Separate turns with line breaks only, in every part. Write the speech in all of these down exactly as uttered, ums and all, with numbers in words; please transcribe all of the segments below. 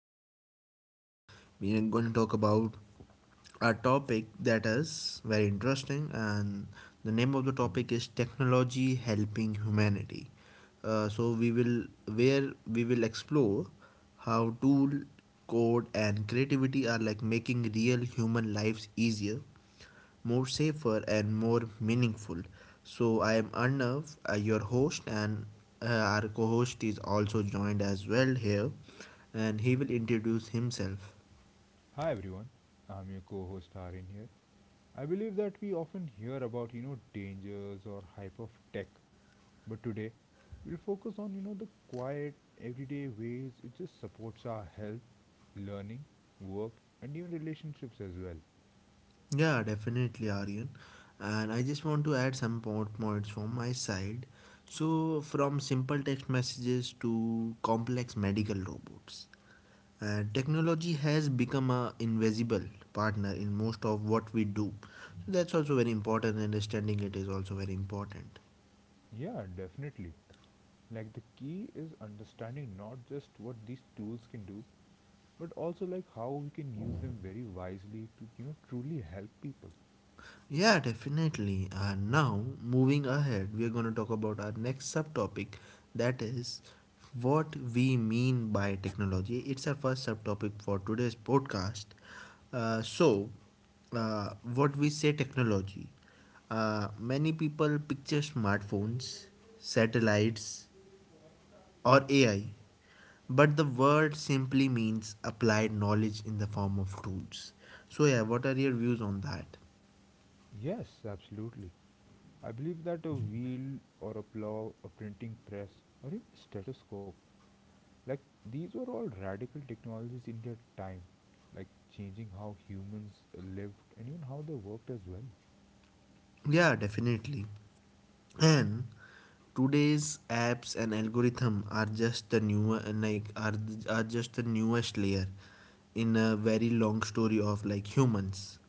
podcast and today we are going to talk about a topic that is very interesting and the name of the topic is technology helping humanity. Uh, so we will Where we will explore how tool, code and creativity are like making real human lives easier, more safer and more meaningful. So I am Arnav, uh, your host, and uh, our co-host is also joined as well here, and he will introduce himself.
Hi everyone, I'm your co-host Arin here. I believe that we often hear about you know dangers or hype of tech, but today we'll focus on you know the quiet everyday ways it just supports our health, learning, work, and even relationships as well.
Yeah, definitely, Aryan. And I just want to add some point points from my side. So from simple text messages to complex medical robots. Uh, technology has become a invisible partner in most of what we do. So that's also very important. Understanding it is also very important.
Yeah, definitely. Like the key is understanding not just what these tools can do, but also like how we can use them very wisely to you know truly help people.
Yeah, definitely. Uh, now, moving ahead, we are going to talk about our next subtopic that is what we mean by technology. It's our first subtopic for today's podcast. Uh, so, uh, what we say technology. Uh, many people picture smartphones, satellites, or A I, but the word simply means applied knowledge in the form of tools. So, yeah, what are your views on that?
Yes, absolutely. I believe that a wheel or a plow, a printing press, or even a stethoscope, like these were all radical technologies in their time, like changing how humans lived and even how they worked as well.
Yeah, definitely. And today's apps and algorithm are just the newer like are, are just the newest layer in a very long story of like humans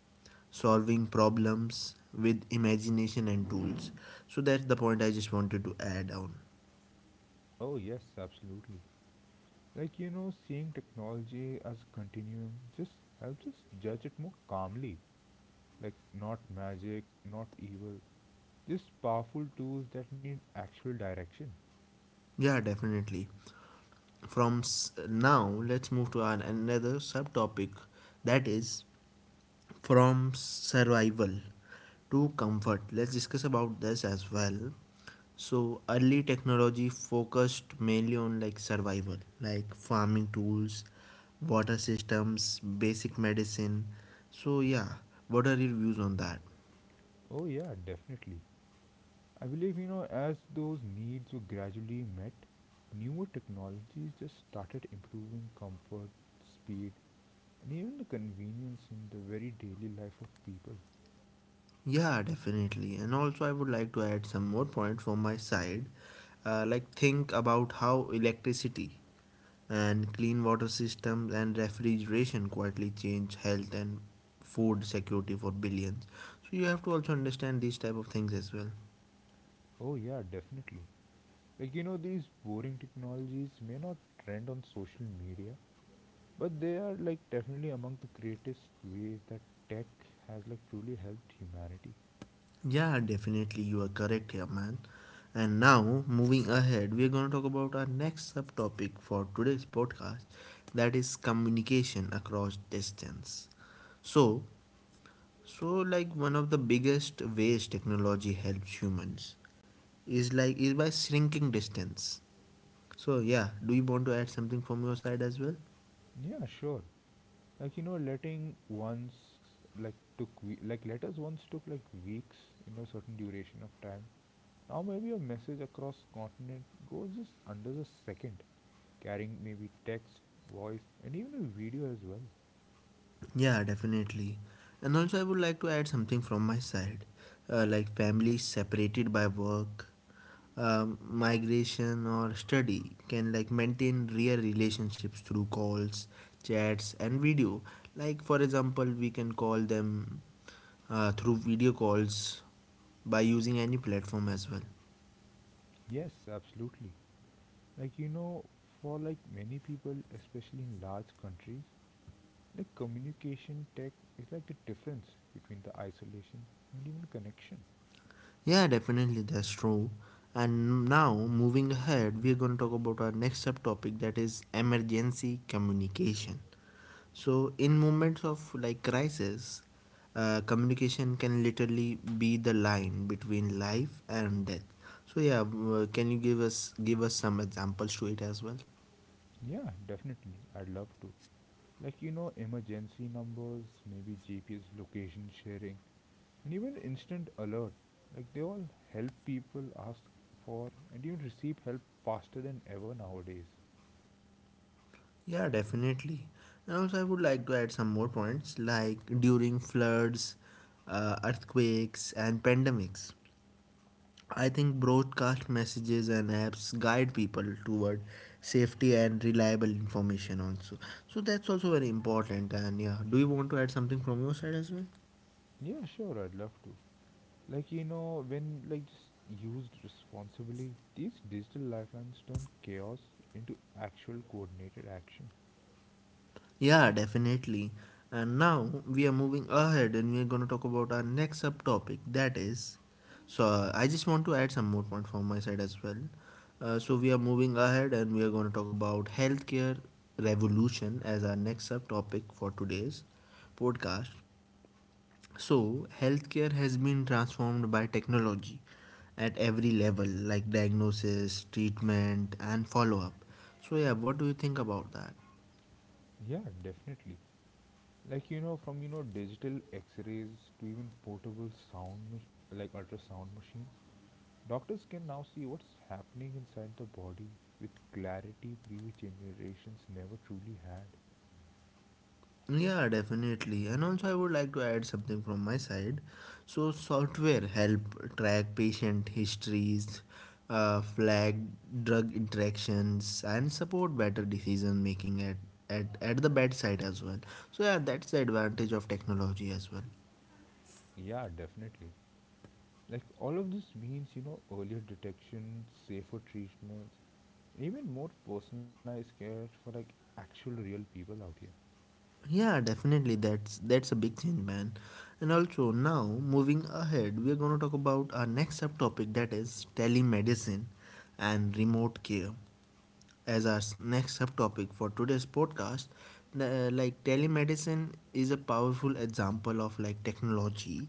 solving problems with imagination and tools. So that's the point I just wanted to add on.
Oh, yes, absolutely. Like, you know, seeing technology as a continuum just helps us judge it more calmly. Like, not magic, not evil, just powerful tools that need actual direction.
Yeah, definitely. From Now let's move to an, another subtopic that is from survival to comfort. Let's discuss about this as well. So early technology focused mainly on like survival, like farming tools, water systems, basic medicine. So yeah, what are your views on that?
Oh, yeah, definitely. I believe, you know, as those needs were gradually met, newer technologies just started improving comfort, speed, and even the convenience in the very daily life of people.
Yeah, definitely. And also I would like to add some more points from my side. Uh, like think about how electricity and clean water systems and refrigeration quietly change health and food security for billions. So you have to also understand these type of things as well.
Oh, yeah, definitely. Like, you know, these boring technologies may not trend on social media, but they are, like, definitely among the greatest ways that tech has, like, truly helped humanity.
Yeah definitely, you are correct here, man. And now moving ahead we are going to talk about our next subtopic for today's podcast, that is communication across distance. So so like one of the biggest ways technology helps humans is like is by shrinking distance. So yeah, do you want to add something from your side as well?
Yeah, sure. Like you know letting once like took we- like letters once took like weeks, you know certain duration of time, now maybe a message across continent goes just under the second, carrying maybe text, voice and even a video as well.
Yeah, definitely. And also, I would like to add something from my side. Uh, like families separated by work, um, migration, or study can like maintain real relationships through calls, chats, and video. Like for example, we can call them uh, through video calls by using any platform as well.
Yes, absolutely. Like, you know, for like many people, especially in large countries, like communication tech is like the difference between the isolation and even connection.
Yeah, definitely, that's true. And now, moving ahead, we're going to talk about our next subtopic, that is emergency communication. So, in moments of like crisis, uh, communication can literally be the line between life and death. So, yeah, uh, can you give us give us some examples to it as well?
Yeah, definitely, I'd love to. Like, you know, emergency numbers, maybe G P S location sharing, and even instant alert. Like, they all help people ask for and even receive help faster than ever nowadays.
Yeah, definitely. And also, I would like to add some more points, like during floods, uh, earthquakes, and pandemics. I think broadcast messages and apps guide people toward safety and reliable information also. So that's also very important. And yeah, do you want to add something from your side as well?
Yeah, sure, I'd love to. Like, you know, when, like, just used responsibly, these digital lifelines turn chaos into actual coordinated action.
Yeah, definitely. And now we are moving ahead and we are going to talk about our next subtopic that is, so uh, I just want to add some more points from my side as well. Uh, so we are moving ahead and we are going to talk about healthcare revolution as our next subtopic for today's podcast. So, healthcare has been transformed by technology at every level, like diagnosis, treatment, and follow up. So, yeah, what do you think about that?
Yeah, definitely. Like, you know, from, you know, digital x rays to even portable sound, mach- like ultrasound machines. Doctors can now see what's happening inside the body with clarity previous generations never truly had.
Yeah, definitely. And also, I would like to add something from my side. So, software help track patient histories, uh, flag drug interactions, and support better decision making at, at at the bedside as well. So, yeah, that's the advantage of technology as well.
Yeah, definitely. Like all of this means, you know, earlier detection, safer treatments, and even more personalized care for like actual real people out here.
Yeah, definitely. That's that's a big change, man. And also now moving ahead, we are gonna talk about our next subtopic that is telemedicine and remote care as our s- next subtopic for today's podcast. The, like Telemedicine is a powerful example of like technology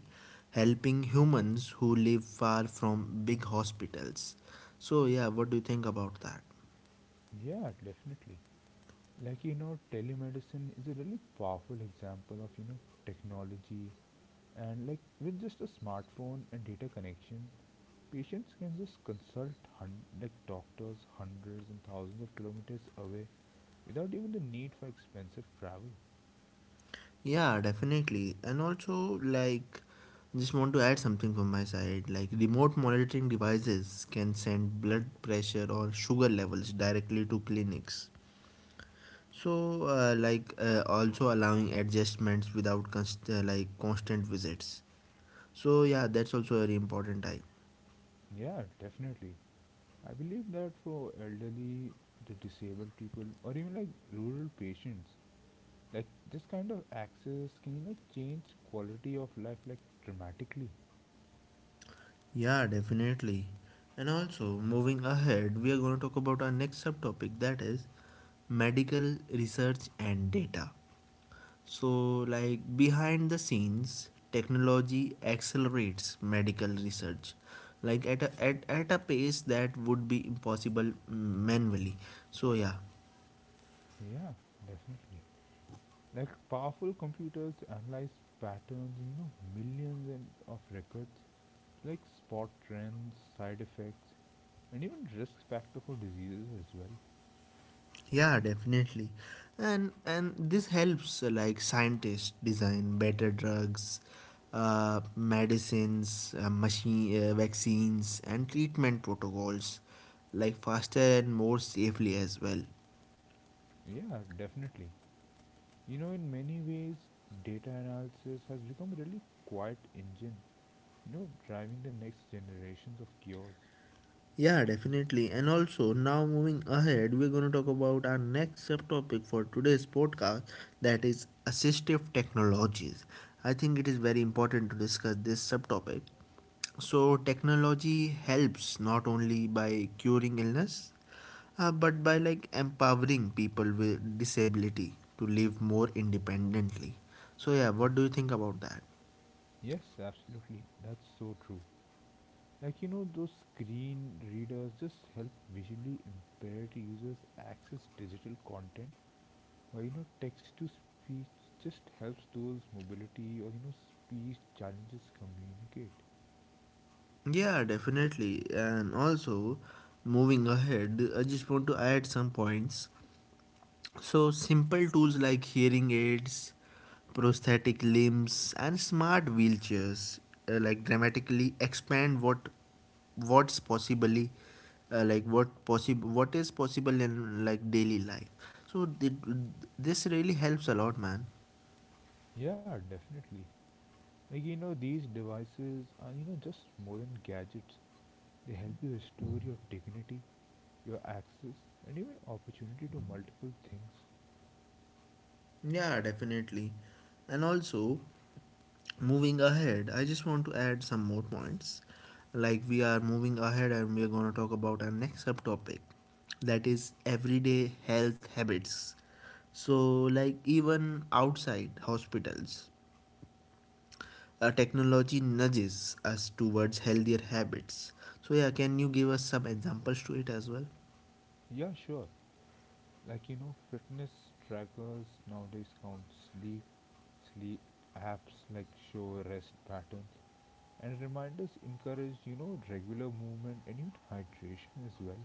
helping humans who live far from big hospitals. So yeah, what do you think about that?
Yeah, definitely. Like you know, telemedicine is a really powerful example of, you know, technology. And like with just a smartphone and data connection, patients can just consult hun- like doctors hundreds and thousands of kilometers away without even the need for expensive travel.
Yeah, definitely. And also, like, just want to add something from my side. Like, remote monitoring devices can send blood pressure or sugar levels directly to clinics. So, uh, like, uh, also allowing adjustments without const- uh, like constant visits. So, yeah, that's also very important. I.
Yeah, definitely. I believe that for elderly, the disabled people, or even like rural patients, like this kind of access can, you know, change quality of life like dramatically.
Yeah, definitely. And also, moving ahead, we are going to talk about our next subtopic that is medical research and data. So, like behind the scenes, technology accelerates medical research, like at a at, at a pace that would be impossible mm, manually. So yeah,
Yeah, definitely. Like powerful computers analyze patterns, you know, millions and of records, like spot trends, side effects, and even risk factor for diseases as well.
yeah, definitely, and and this helps uh, like scientists design better drugs, uh, medicines, uh, machine uh, vaccines, and treatment protocols, like faster and more safely as well.
Yeah, definitely. You know, in many ways, data analysis has become a really quiet engine, you know, driving the next generations of cures.
Yeah, definitely. And also, now moving ahead, we're going to talk about our next subtopic for today's podcast that is assistive technologies. I think it is very important to discuss this subtopic. So, technology helps not only by curing illness, uh, but by like empowering people with disability to live more independently. So, yeah, what do you think about that?
Yes, absolutely. That's so true. Like, you know, those screen readers just help visually impaired users access digital content, while, you know, text to speech just helps those mobility or, you know, speech challenges communicate.
Yeah, definitely. And also, moving ahead, I just want to add some points. So, simple tools like hearing aids, prosthetic limbs, and smart wheelchairs uh, like dramatically expand what what's possibly uh, like what possible what is possible in like daily life. So, th- this really helps a lot, man.
Yeah, definitely. Like you know, these devices are, you know, just more than gadgets. They help you restore your dignity, your access, and even opportunity to multiple things.
Yeah, definitely. And also, moving ahead, I just want to add some more points. Like, we are moving ahead and we are going to talk about our next subtopic that is everyday health habits. So, like, even outside hospitals, uh, technology nudges us towards healthier habits. So, yeah, can you give us some examples to it as well?
Yeah, sure. Like you know, fitness trackers nowadays count sleep sleep apps like show rest patterns, and reminders encourage, you know regular movement and even hydration as well.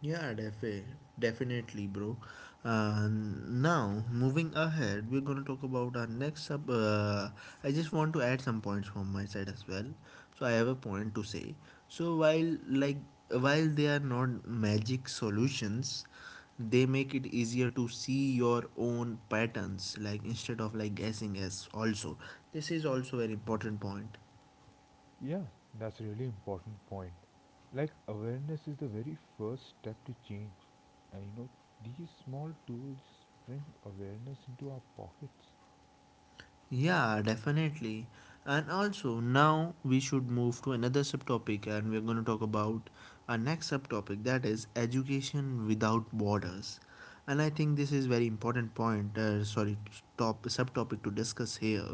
Yeah, defi- definitely, bro. Uh, now, moving ahead, we're gonna talk about our next sub. Uh, I just want to add some points from my side as well. So I have a point to say. So while like while they are not magic solutions, they make it easier to see your own patterns. Like instead of like guessing as also, this is also an important point.
Yeah, that's a really important point. Like awareness is the very first step to change. And you know, these small tools bring awareness into our pockets.
Yeah, definitely. And also, now we should move to another subtopic, and we're going to talk about our next subtopic that is education without borders. And I think this is very important point. Uh, sorry, top subtopic to discuss here.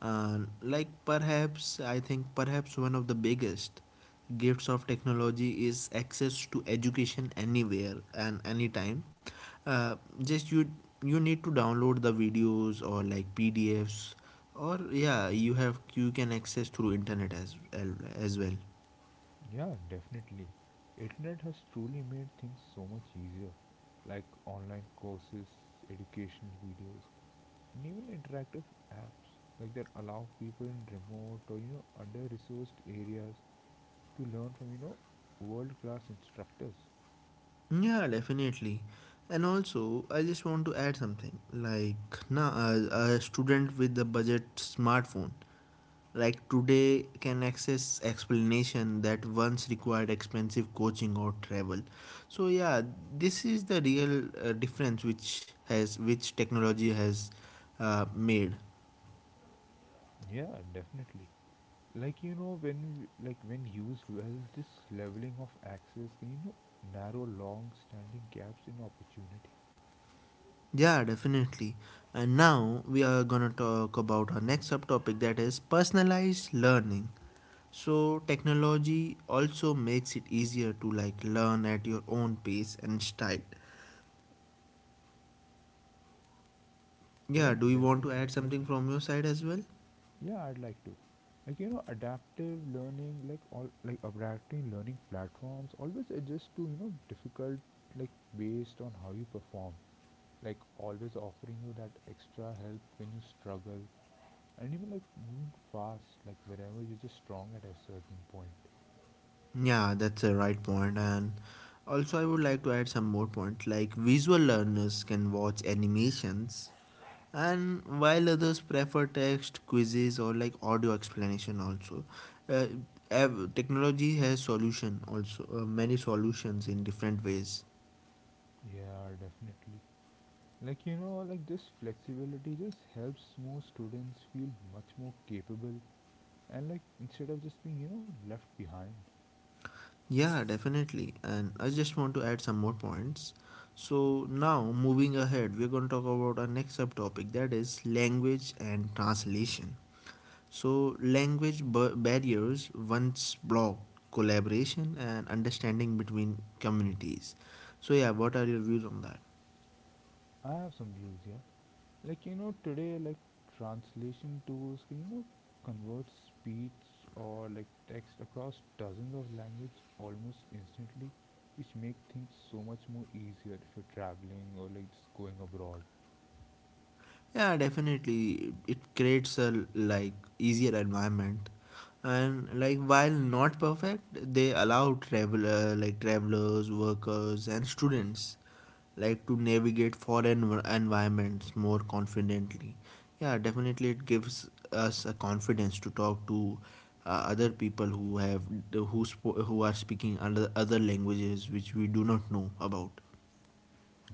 Uh, like perhaps I think Perhaps one of the biggest gifts of technology is access to education anywhere and anytime. Uh, just you You need to download the videos or like pdfs, or yeah you have you can access through internet as as well.
Yeah, definitely. Internet has truly made things so much easier. Like online courses, educational videos, and even interactive apps like that allow people in remote or you know under-resourced areas to learn from you know world-class instructors.
Yeah definitely, and also I just want to add something. Like now a a student with a budget smartphone like today can access explanation that once required expensive coaching or travel. So yeah, this is the real uh, difference which has which technology has uh, made.
Yeah, definitely. Like you know when we- like when used well, this leveling of access can, you know, narrow long standing gaps in opportunity.
Yeah definitely, and now we are gonna talk about our next subtopic that is personalized learning. So technology also makes it easier to like learn at your own pace and style. Yeah,
Yeah,
do you want
definitely.
to add something from your side as well?
Yeah, I'd like to. Like, you know adaptive learning like all like adaptive learning platforms always adjust to, you know, difficult, like based on how you perform, like always offering you that extra help when you struggle, and even like moving fast like wherever you're just strong at a certain point.
Yeah, that's a right point. And also, I would like to add some more points, like visual learners can watch animations, and while others prefer text, quizzes, or like audio explanation, also. Uh, ev- Technology has solution also uh, many solutions in different ways.
Yeah, definitely. Like, you know, like this flexibility just helps more students feel much more capable, and like instead of just being, you know, left behind.
Yeah definitely, and I just want to add some more points. So now moving ahead we're going to talk about our next subtopic that is language and translation. So, language barriers once block collaboration and understanding between communities. So, yeah, what are your views on that?
I have some views here. Like, you know, today, like translation tools can, you know, convert speech or like text across dozens of language almost instantly, which make things so much more easier if you're traveling or like just going abroad.
Yeah, definitely, it creates a like easier environment, and like while not perfect, they allow traveler like travelers, workers, and students like to navigate foreign environments more confidently. Yeah definitely, it gives us a confidence to talk to uh, other people who have who sp- who are speaking other other languages which we do not know about.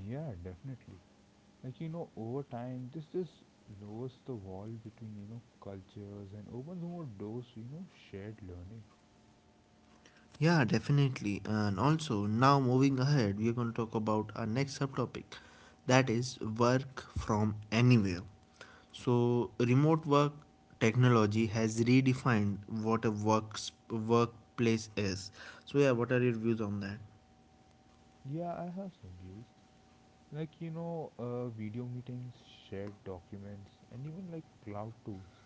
Yeah, definitely. Like you know over time this just lowers the wall between, you know, cultures and opens more doors to, you know, shared learning.
Yeah definitely, and also now moving ahead we are going to talk about our next subtopic that is work from anywhere. So, remote work technology has redefined what a works workplace is. So, yeah, what are your views on that?
Yeah, I have some views. Like you know uh, video meetings, shared documents, and even like cloud tools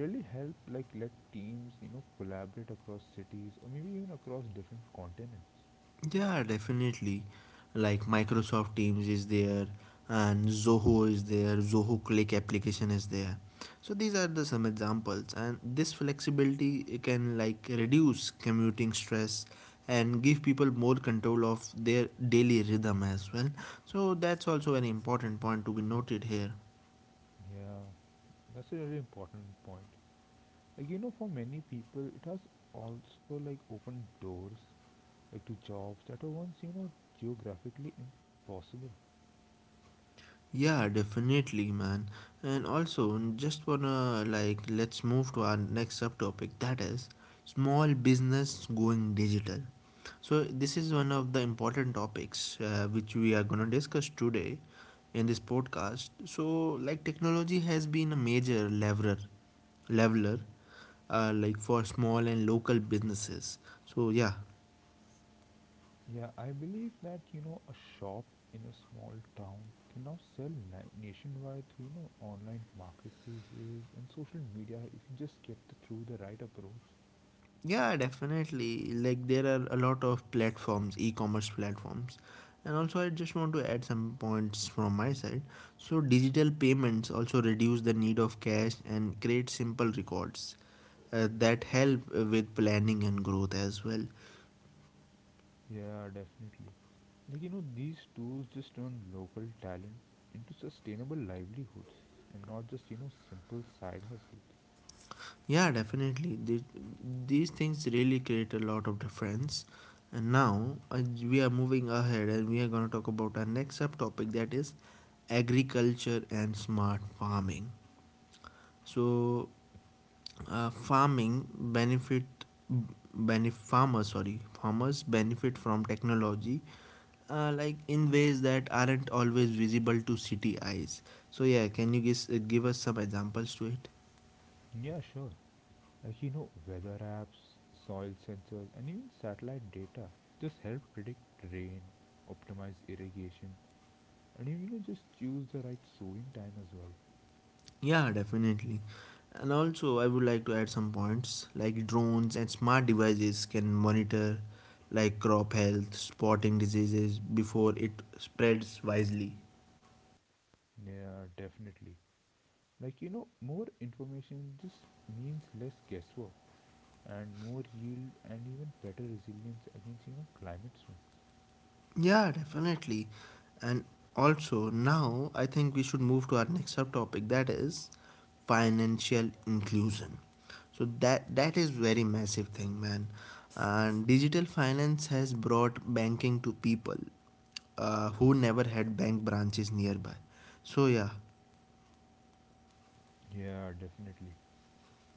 really help like let teams, you know, collaborate across cities or maybe even across different continents.
Yeah, definitely. Like Microsoft Teams is there, and Zoho is there, Zoho Click application is there. So these are the some examples, and this flexibility can like reduce commuting stress and give people more control of their daily rhythm as well. So that's also an important point to be noted here.
Yeah, that's a really important point. Like, you know, for many people it has also like opened doors, like to jobs that were once, you know, geographically impossible.
Yeah, definitely, man. And also, just wanna like let's move to our next subtopic that is small business going digital. So this is one of the important topics uh, which we are gonna discuss today in this podcast. So like technology has been a major leveler, leveler, uh, like for small and local businesses. So yeah.
Yeah, I believe that, you know, a shop in a small town can now sell na- nationwide through, you know, online marketplaces and social media if you just get the, through the right approach.
Yeah, definitely. Like there are a lot of platforms, e-commerce platforms. And also I just want to add some points from my side. So digital payments also reduce the need of cash and create simple records uh, that help uh, with planning and growth as well.
Yeah, definitely. Like, you know, these tools just turn local talent into sustainable livelihoods, and not just, you know, simple side hustles.
Yeah, definitely. The- These things really create a lot of difference. And now uh, we are moving ahead and we are going to talk about our next subtopic that is agriculture and smart farming. So uh, farming benefit benef farmers, sorry, farmers benefit from technology uh, like in ways that aren't always visible to city eyes. So yeah, can you guess, uh, give us some examples to it?
Yeah, sure. Uh, you know, weather apps, soil sensors, and even satellite data just help predict rain, optimize irrigation, and you know, just choose the right sowing time as well.
Yeah, definitely. And also I would like to add some points like drones and smart devices can monitor like crop health, spotting diseases before it spreads wisely.
Yeah, definitely. Like, you know, more information just means less guesswork and more yield and even better resilience against, you know, climate swings.
Yeah, definitely. And also, now I think we should move to our next subtopic that is financial inclusion. So that that is very massive thing, man. And digital finance has brought banking to people uh, who never had bank branches nearby. So yeah,
Yeah, definitely.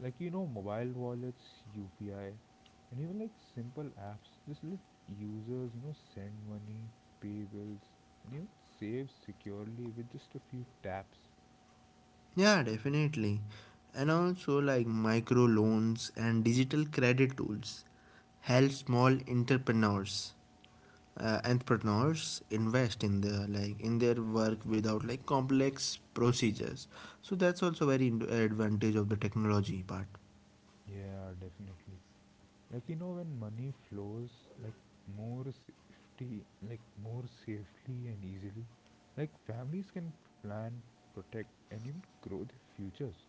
Like, you know, mobile wallets, U P I, and even like simple apps just let users, you know, send money, pay bills, you save securely with just a few taps.
yeah, definitely. And also like micro loans and digital credit tools help small entrepreneurs, uh, entrepreneurs invest in the like in their work without like complex procedures. So that's also very in- advantage of the technology part.
Yeah, definitely. Like you know, when money flows like more safety, like more safely and easily, like families can plan, protect, and even grow their futures.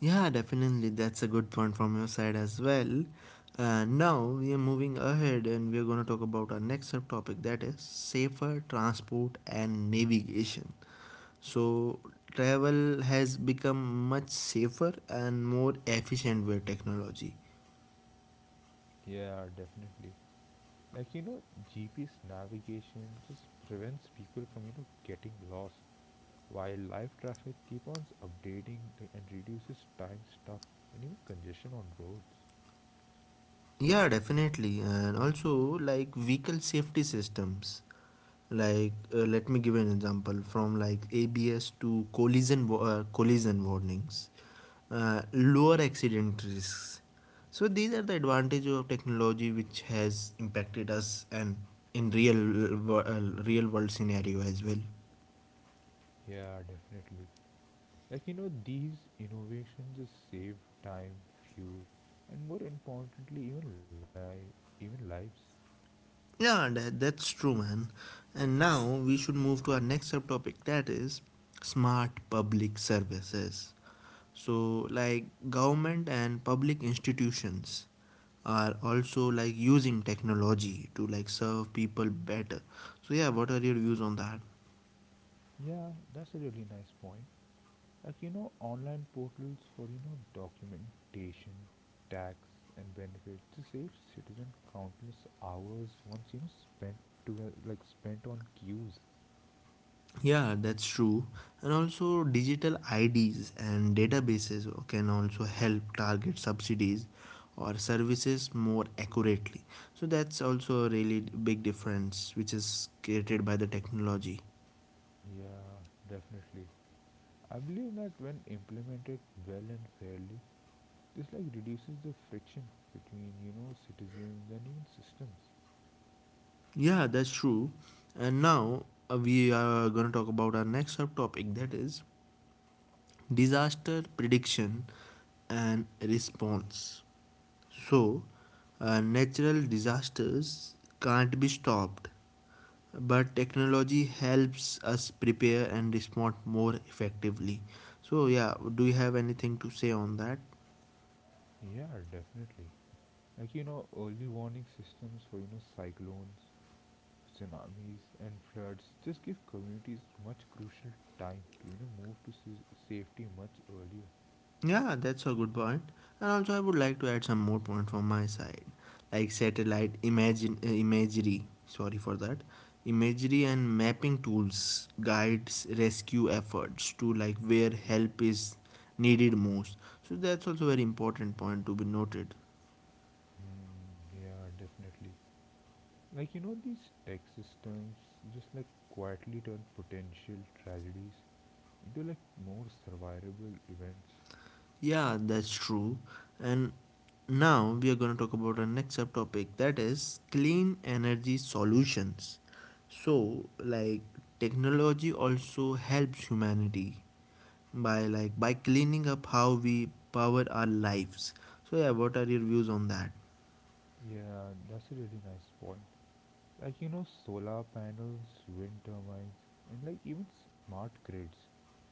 Yeah, definitely, that's a good point from your side as well. And now we are moving ahead and we are going to talk about our next subtopic that is safer transport and navigation. So travel has become much safer and more efficient with technology.
Yeah, definitely. Like you know, G P S navigation just prevents people from, you know, getting lost, while live traffic keep on updating like, and reduces time stuck and even congestion on roads.
Yeah, definitely. And also, like vehicle safety systems. Like, uh, let me give an example from like A B S to collision wa- uh, collision warnings, uh, lower accident risks. So these are the advantages of technology which has impacted us and in real wo- uh, real world scenario as well.
Yeah, definitely. Like, you know, these innovations just save time, fuel, and more importantly, even life, even lives.
Yeah, that, that's true, man. And now we should move to our next subtopic that is smart public services. So, like government and public institutions are also like using technology to like serve people better. So, yeah, what are your views on that?
Yeah, that's a really nice point. Like, you know, online portals for, you know, documentation, tax, and benefits to save citizen countless hours once, you know, spent to, like, spent on queues.
Yeah, that's true. And also, digital I Ds and databases can also help target subsidies or services more accurately. So, that's also a really big difference which is created by the technology.
Yeah, definitely. I believe that when implemented well and fairly, this like reduces the friction between, you know, citizens and even systems.
Yeah, that's true. And now uh, we are going to talk about our next subtopic that is disaster prediction and response. So, uh, natural disasters can't be stopped, but technology helps us prepare and respond more effectively. So yeah, do you have anything to say on that?
Yeah, definitely. Like you know, early warning systems for, you know, cyclones, tsunamis, and floods just give communities much crucial time to you know move to s- safety much earlier.
Yeah, that's a good point point. And also I would like to add some more point from my side. Like satellite imagine uh, imagery, sorry for that, imagery and mapping tools guides rescue efforts to like where help is needed most. So that's also very important point to be noted.
Hmm, yeah, definitely. Like you know, these tech systems just like quietly turn potential tragedies into like more survivable events.
Yeah, that's true. And now we are going to talk about our next subtopic that is clean energy solutions. So, like technology also helps humanity by like by cleaning up how we power our lives. So, yeah, what are your views on that?
Yeah, that's a really nice point. Like you know solar panels, wind turbines, and like even smart grids,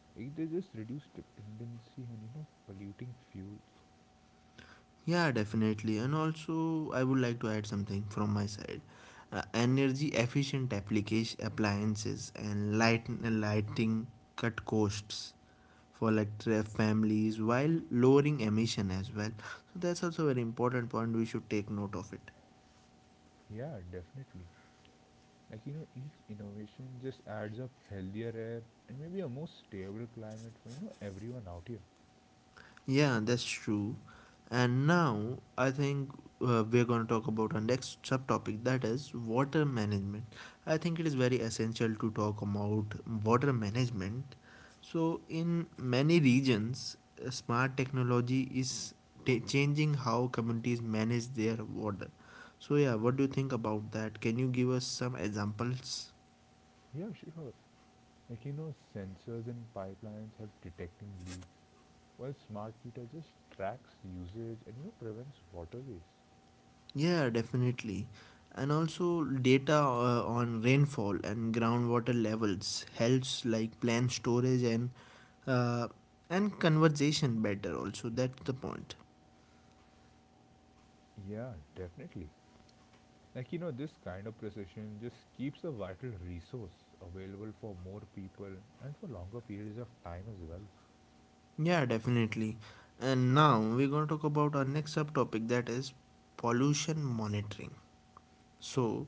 like they just reduce dependency on, you know, polluting fuels.
Yeah, definitely. And also, I would like to add something from my side. Uh, energy efficient application appliances and light uh, lighting cut costs for like tra- families while lowering emission as well. So that's also a very important point we should take note of it.
Yeah, definitely. Like, you know, each innovation just adds up healthier air and maybe a more stable climate for, you know, everyone out here.
Yeah, that's true. And now I think uh, we're going to talk about our next subtopic that is water management. I think it is very essential to talk about water management. So, in many regions, uh, smart technology is ta changing how communities manage their water. So, yeah, what do you think about that? Can you give us some examples?
Yeah, sure. Like you know sensors and pipelines help detecting leaks, while smart meter just tracks usage and, you know, prevents water waste.
Yeah, definitely. And also data uh, on rainfall and groundwater levels helps like plan storage and uh, and conservation better also. That's the point.
Yeah, definitely. Like, you know, this kind of precision just keeps a vital resource available for more people and for longer periods of time as well.
Yeah, definitely. And now we're going to talk about our next subtopic that is pollution monitoring. So,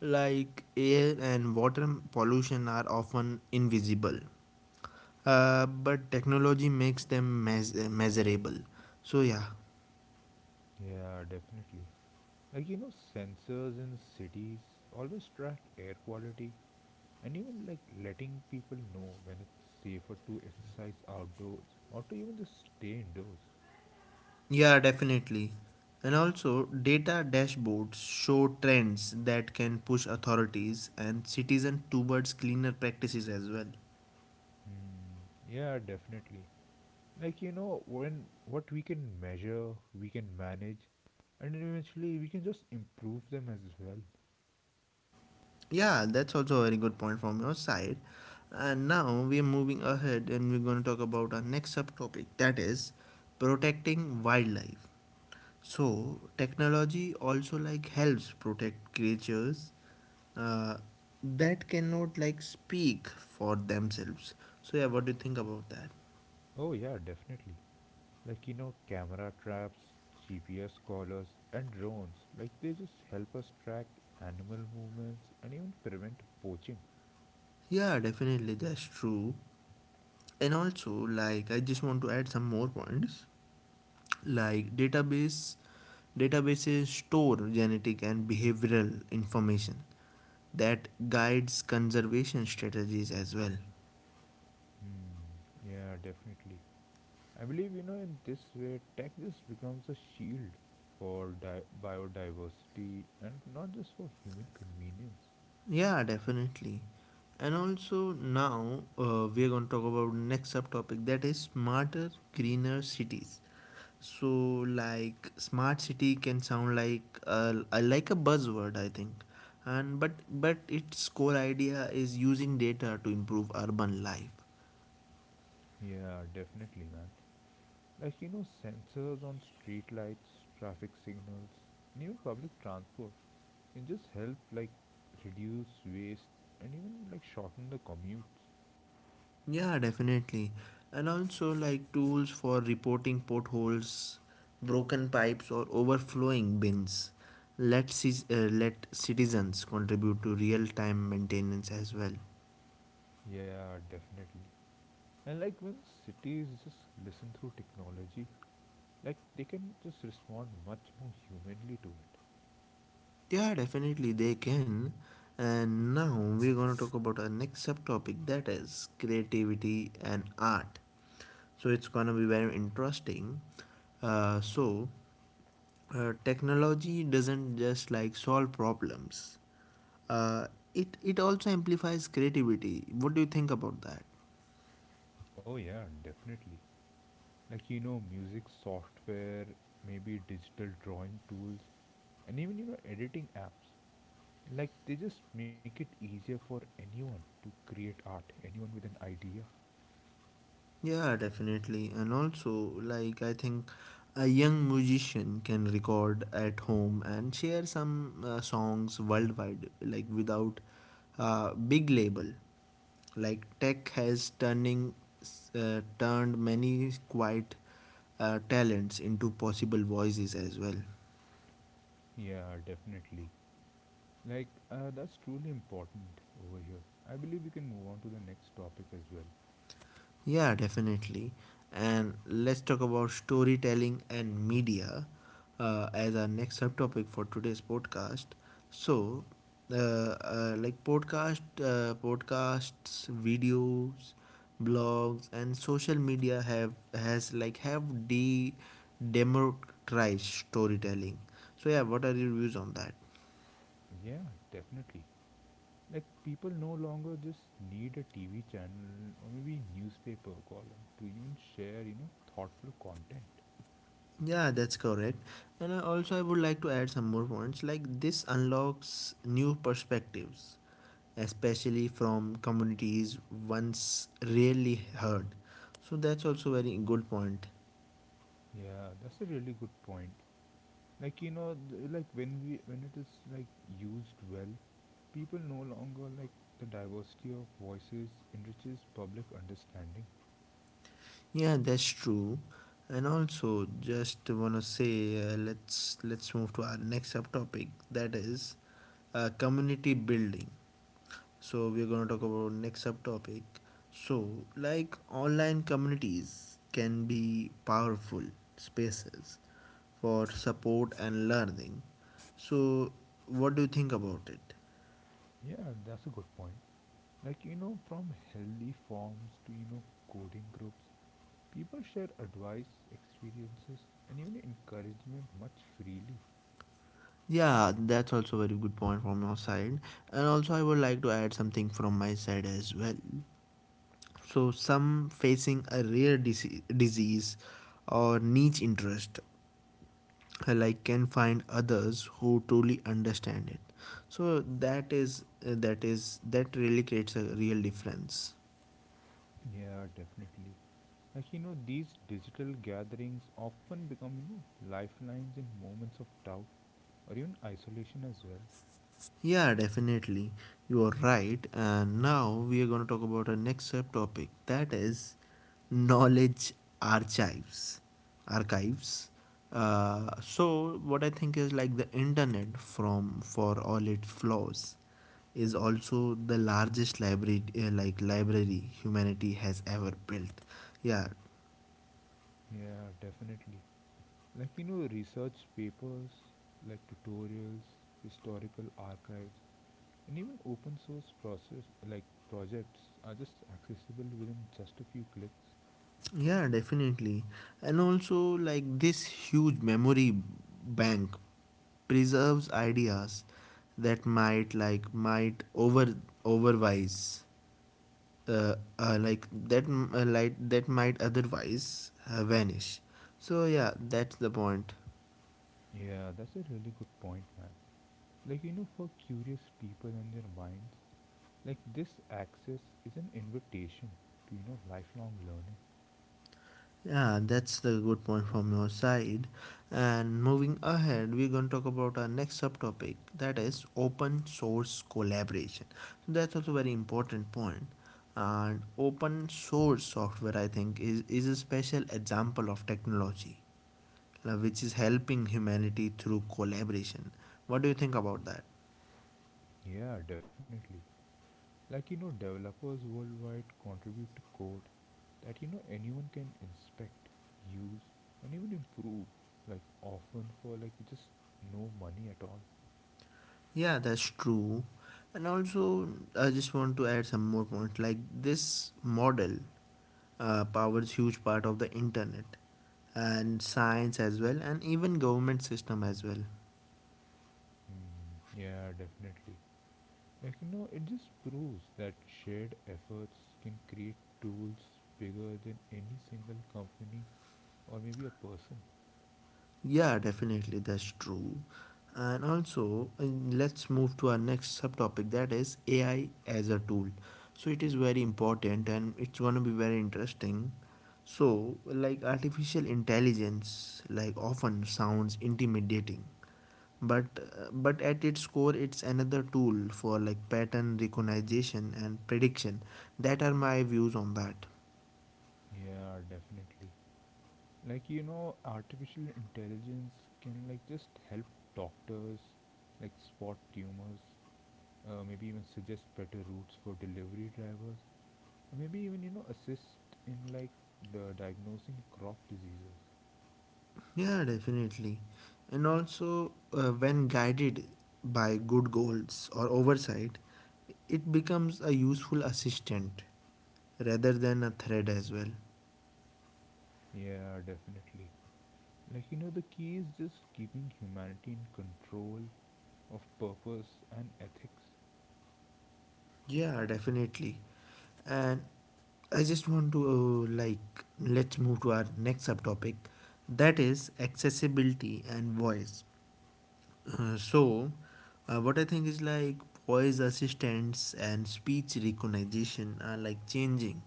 like air and water pollution are often invisible, uh, but technology makes them meas- measurable. So yeah.
Yeah, definitely. Like, you know, sensors in cities always track air quality and even like letting people know when it's safer to exercise outdoors or to even just stay indoors.
Yeah, definitely. And also, data dashboards show trends that can push authorities and citizens towards cleaner practices as well.
Hmm. Yeah, definitely. Like, you know, when what we can measure, we can manage, and eventually we can just improve them as well.
Yeah, that's also a very good point from your side. And now we are moving ahead and we're going to talk about our next subtopic that is protecting wildlife. So, technology also like helps protect creatures uh, that cannot like speak for themselves. So, yeah, what do you think about that?
Oh, yeah, definitely. Like, you know, camera traps, G P S collars, and drones. Like, they just help us track animal movements and even prevent poaching.
Yeah, definitely, that's true. And also, like, I just want to add some more points. Like, database databases store genetic and behavioral information that guides conservation strategies as well.
Hmm, yeah, definitely. I believe, you know, in this way, tech just becomes a shield for di- biodiversity and not just for human convenience.
Yeah, definitely. And also now uh, we are going to talk about next subtopic that is smarter, greener cities. So like smart city can sound like a, a like a buzzword, I think, and but but its core idea is using data to improve urban life.
Yeah, definitely, man. Like, you know, sensors on street lights, traffic signals, and even public transport can just help like reduce waste and even like shorten the commutes.
Yeah, definitely. And also, like tools for reporting potholes, broken pipes, or overflowing bins. Let, cis- uh, let citizens contribute to real time maintenance as well.
Yeah, definitely. And like when cities just listen through technology, like they can just respond much more humanly to it.
Yeah, definitely they can. And now we're gonna talk about our next subtopic that is creativity and art. So it's gonna be very interesting. Uh, so uh, technology doesn't just like solve problems. Uh, it it also amplifies creativity. What do you think about that?
Oh, yeah, definitely. Like you know, music software, maybe digital drawing tools, and even you know, editing apps. Like they just make it easier for anyone to create art, anyone with an idea.
Yeah, definitely. And also, like I think a young musician can record at home and share some uh, songs worldwide, like without uh, big label. Like tech has turning uh, turned many quiet uh, talents into possible voices as well.
Yeah, definitely. Like, uh, that's truly important over here. I believe we can move on to the next topic as well.
Yeah, definitely. And let's talk about storytelling and media uh, as our next subtopic for today's podcast. So, uh, uh, like podcast, uh, podcasts, videos, blogs, and social media have has like have de democratized storytelling. So yeah, what are your views on that?
Yeah, definitely. Like, people no longer just need a T V channel or maybe newspaper column to even share, you know, thoughtful content.
Yeah, that's correct. And I also I would like to add some more points. Like this unlocks new perspectives especially from communities once rarely heard. So that's also very good point.
Yeah, that's a really good point. Like, you know, th- like when we when it is like used well, people no longer like the diversity of voices enriches public understanding.
Yeah, that's true. And also, just wanna say, uh, let's let's move to our next subtopic. That is, uh, community building. So we're gonna talk about next subtopic. So like online communities can be powerful spaces for support and learning. So what do you think about it?
Yeah, that's a good point. Like, you know, from healthy forms to, you know, coding groups, people share advice, experiences, and even encouragement much freely.
Yeah, that's also a very good point from your side. And also, I would like to add something from my side as well. So, some facing a rare dise- disease or niche interest, uh, like can find others who truly understand it. So that is uh, that is that really creates a real difference.
Yeah, definitely. Like, you know, these digital gatherings often become, you know, lifelines in moments of doubt or even isolation as well.
Yeah, definitely. You are right. And now we are going to talk about our next subtopic that is knowledge archives. Archives. Uh, so what I think is like the internet from for all its flaws is also the largest library uh, like library humanity has ever built. Yeah.
Yeah, definitely. Like, you know, research papers, like tutorials, historical archives, and even open source process, like projects, are just accessible within just a few clicks.
Yeah, definitely. And also, like this huge memory bank preserves ideas that might like might over overwise uh, uh like that m- uh, like that might otherwise uh, vanish. So yeah, that's the point.
Yeah, that's a really good point, man. Like, you know, for curious people and their minds, like, this access is an invitation to, you know, lifelong learning.
Yeah, that's the good point from your side. And moving ahead, we're going to talk about our next subtopic that is open source collaboration. So that's also very important point. And open source software, I think, is, is a special example of technology uh, which is helping humanity through collaboration. What do you think about that?
Yeah, definitely. Like, you know, developers worldwide contribute to code that, you know, anyone can inspect, use, and even improve, like, often for, like, just no money at all.
Yeah, that's true. And also, I just want to add some more points. Like this model uh, powers huge part of the internet and science as well and even government system as well.
Hmm, yeah, definitely. Like, you know, it just proves that shared efforts can create tools bigger than any single company or maybe a person.
Yeah, definitely, that's true. And also, uh, let's move to our next subtopic that is ai as a tool. So it is very important and it's going to be very interesting. So like artificial intelligence like often sounds intimidating, but but at its core it's another tool for like pattern recognition and prediction. That are my views on that.
Yeah, definitely. Like, you know, artificial intelligence can, like, just help doctors, like, spot tumors, uh, maybe even suggest better routes for delivery drivers, or maybe even, you know, assist in, like, the diagnosing crop diseases.
Yeah, definitely. And also, uh, when guided by good goals or oversight it becomes a useful assistant rather than a threat as well.
Yeah, definitely. Like, you know, the key is just keeping humanity in control of purpose and ethics.
Yeah, definitely. And I just want to uh, like let's move to our next subtopic that is accessibility and voice. Uh, so, uh, what I think is like voice assistants and speech recognition are like changing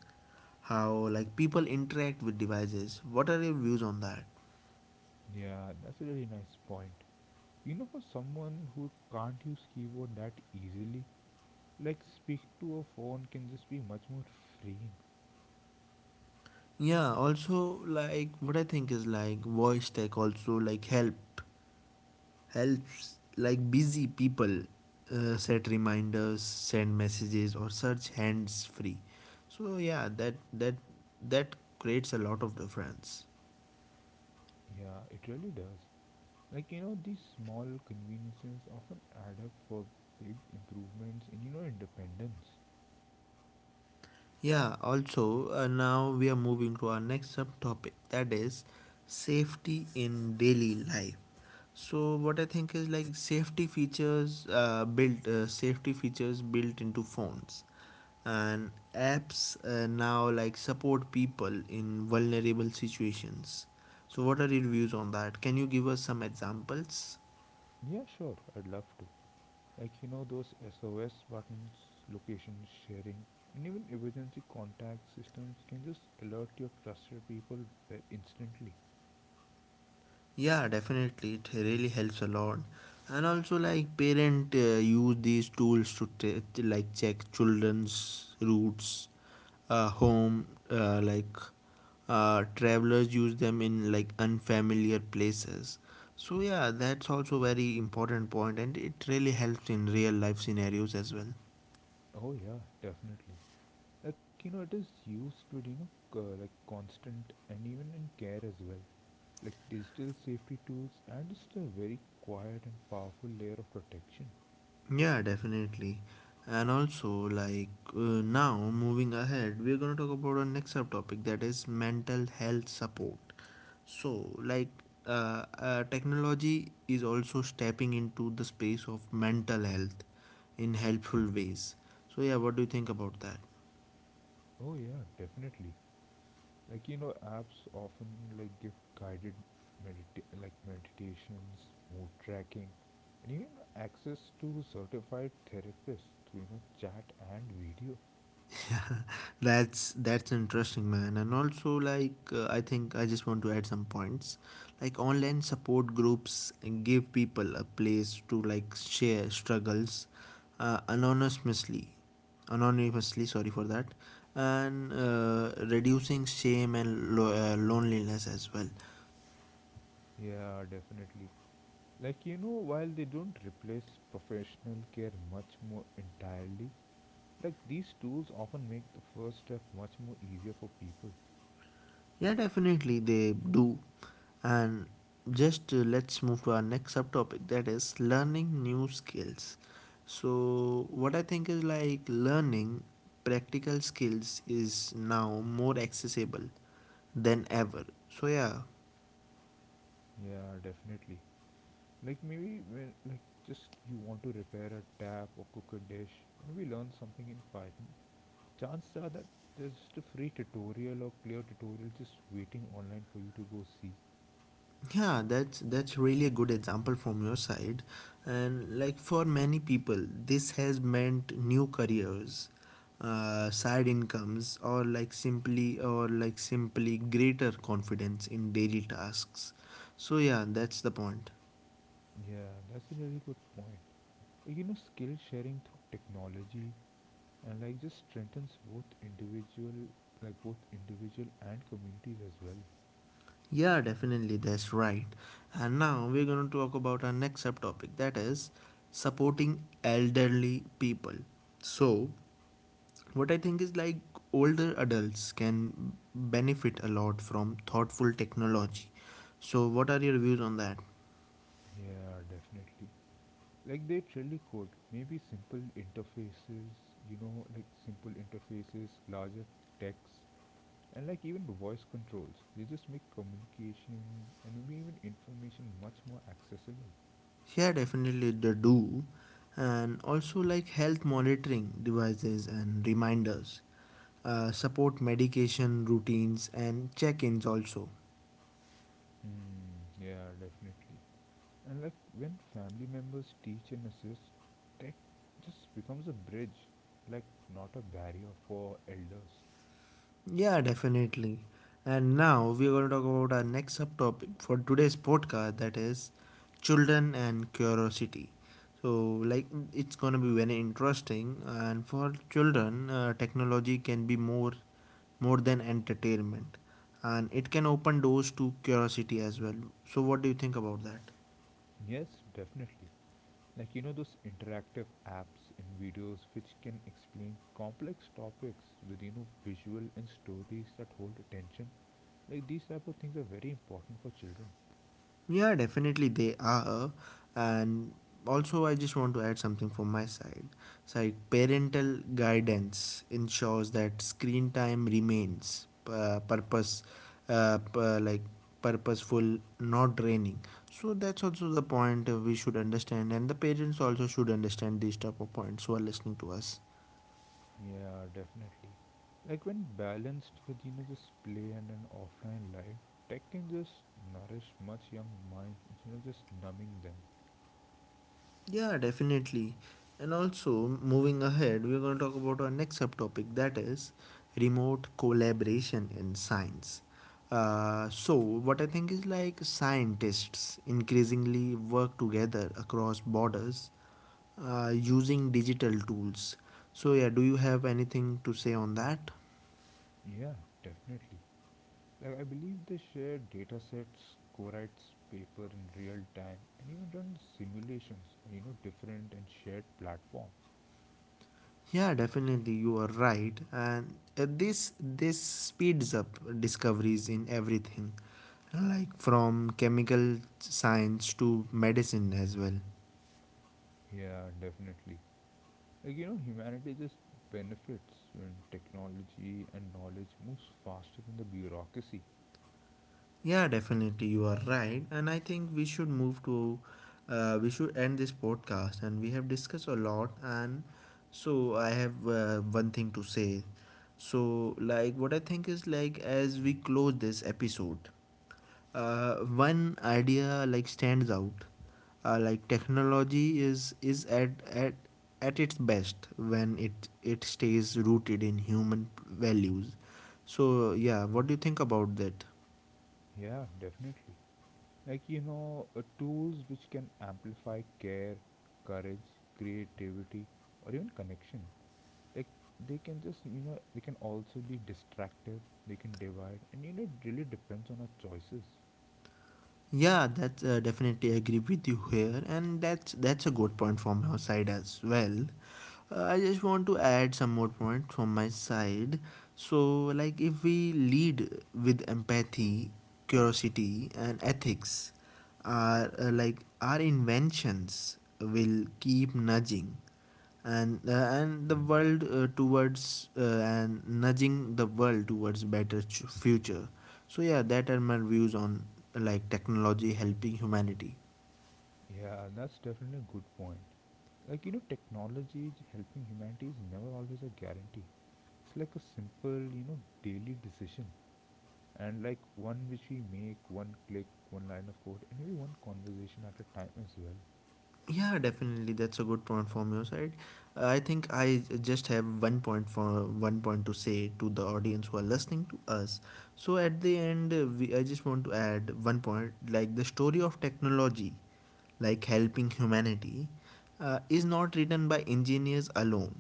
how like people interact with devices. What are your views on that?
Yeah, that's a really nice point. You know, for someone who can't use keyboard that easily, like speak to a phone can just be much more freeing.
Yeah, also like what I think is like voice tech also like help helps like busy people uh, set reminders, send messages or search hands free. So yeah, that that that creates a lot of difference.
Yeah, it really does. Like, you know, these small conveniences often add up for big improvements in, you know, independence.
Yeah, also, uh, now we are moving to our next subtopic, that is safety in daily life. So, what I think is like safety features uh, built, uh, safety features built into phones and apps uh, now like support people in vulnerable situations. So, what are your views on that? Can you give us some examples?
Yeah, sure, I'd love to. Like, you know, those S O S buttons, location sharing, and even emergency contact systems can just alert your trusted people ve- instantly.
Yeah, definitely. It really helps a lot. And also, like parent uh, use these tools to, t- to like check children's routes, uh, home, uh, like uh, travelers use them in like unfamiliar places. So yeah, that's also very important point, and it really helps in real life scenarios as well.
Oh, yeah, definitely. Like, you know, it is used with, you know, c- like constant and even in care as well. Like, digital safety tools and just a very quiet and powerful layer of protection.
Yeah, definitely. And also, like uh, now, moving ahead, we're going to talk about our next subtopic, that is mental health support. So, like, uh, uh, technology is also stepping into the space of mental health in helpful ways. So, yeah, what do you think about that?
Oh, yeah, definitely. Like, you know, apps often like give guided, medita- like, meditations, mood tracking, and even access to certified therapists through, you know, chat and video.
that's that's interesting, man. And also, like uh, I think I just want to add some points, like online support groups give people a place to like share struggles, uh, anonymously. Anonymously, sorry for that. And uh, reducing shame and lo- uh, loneliness as well.
Yeah, definitely. Like, you know, while they don't replace professional care much more entirely, like these tools often make the first step much more easier for people.
Yeah, definitely they do. And just uh, let's move to our next subtopic, that is learning new skills. So, what I think is like learning practical skills is now more accessible than ever. So, yeah.
Yeah, definitely. Like, maybe when like just you want to repair a tap or cook a dish, maybe learn something in Python. Chances are that there's just a free tutorial or clear tutorial just waiting online for you to go see.
Yeah, that's that's really a good example from your side. And like for many people, this has meant new careers, uh, side incomes, or like simply or like simply greater confidence in daily tasks. So yeah, that's the point.
Yeah, that's a really good point. Like, you know, skill sharing through technology and like just strengthens both individual, like both individual and communities as well.
Yeah, definitely, that's right. And now we're going to talk about our next subtopic, that is supporting elderly people. So, what I think is like older adults can benefit a lot from thoughtful technology. So what are your views on that?
Yeah, definitely. Like they really could. Maybe simple interfaces, you know, like simple interfaces, larger text, and like even voice controls, they just make communication and maybe even information much more accessible.
Yeah, definitely they do. And also like health monitoring devices and reminders uh, support medication routines and check-ins also.
Hmm, yeah, definitely. And like when family members teach and assist, tech just becomes a bridge, like, not a barrier for elders.
Yeah, definitely. And now we are going to talk about our next subtopic for today's podcast, that is children and curiosity. So, like, it's going to be very interesting. And for children, uh, technology can be more more than entertainment, and it can open doors to curiosity as well. So, what do you think about that?
Yes, definitely. Like, you know, those interactive apps and videos, which can explain complex topics with, you know, visual and stories that hold attention, like these type of things are very important for children.
Yeah, definitely they are. And also, I just want to add something from my side. So, like parental guidance ensures that screen time remains uh, purpose, uh, p- like purposeful, not draining. So that's also the point uh, we should understand, and the parents also should understand these type of points who are listening to us.
Yeah, definitely. Like when balanced with, you know, just play and an offline life, tech can just nourish much young minds instead of just numbing them.
Yeah, definitely. And also, moving ahead, we're going to talk about our next subtopic, that is remote collaboration in science. Uh, so, what I think is like scientists increasingly work together across borders uh, using digital tools. So, yeah, do you have anything to say on that?
Yeah, definitely. Like I believe they share data sets, co-writes paper in real time, and even run simulations on, you know, different and shared platforms.
Yeah, definitely, you are right. And uh, this this speeds up discoveries in everything, like from chemical science to medicine as well.
Yeah, definitely. Like, you know, humanity just benefits when technology and knowledge moves faster than the bureaucracy.
Yeah, definitely, you are right. And I think we should move to, uh, we should end this podcast. And we have discussed a lot. And so I have uh, one thing to say. So, like, what I think is like as we close this episode. Uh, one idea like stands out, uh, like technology is is at at at its best when it it stays rooted in human values. So yeah, what do you think about that?
Yeah, definitely. Like, you know, uh, tools which can amplify care, courage, creativity, or even connection, like they can just, you know, they can also be distractive. They can divide, and, you know, it really depends on our choices.
Yeah, that's uh, definitely agree with you here, and that's that's a good point from your side as well. Uh, I just want to add some more points from my side. So, like if we lead with empathy, curiosity, and ethics, our uh, like our inventions will keep nudging, and uh, and the world uh, towards uh, and nudging the world towards better ch- future. So yeah, that are my views on like technology helping humanity.
Yeah, that's definitely a good point. Like, you know, technology j- helping humanity is never always a guarantee. It's like a simple, you know, daily decision, and like one which we make one click, one line of code, and maybe one conversation at a time as well.
Yeah, definitely, that's a good point from your side. Uh, I think I just have one point for one point to say to the audience who are listening to us. So at the end, uh, we, I just want to add one point, like the story of technology, like helping humanity, uh, is not written by engineers alone.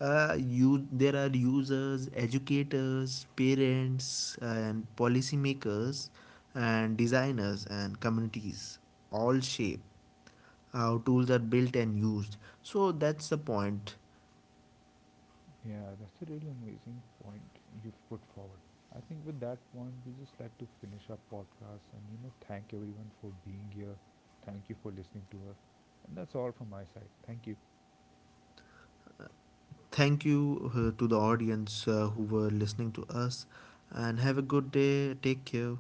Uh, you, there are users, educators, parents, and policymakers, and designers and communities, all shape how tools are built and used. So that's the point.
Yeah, that's a really amazing point you've put forward. I think with that point, we just like to finish our podcast and, you know, thank everyone for being here. Thank you for listening to us, and that's all from my side. Thank you.
Thank you uh, to the audience uh, who were listening to us, and have a good day. Take care.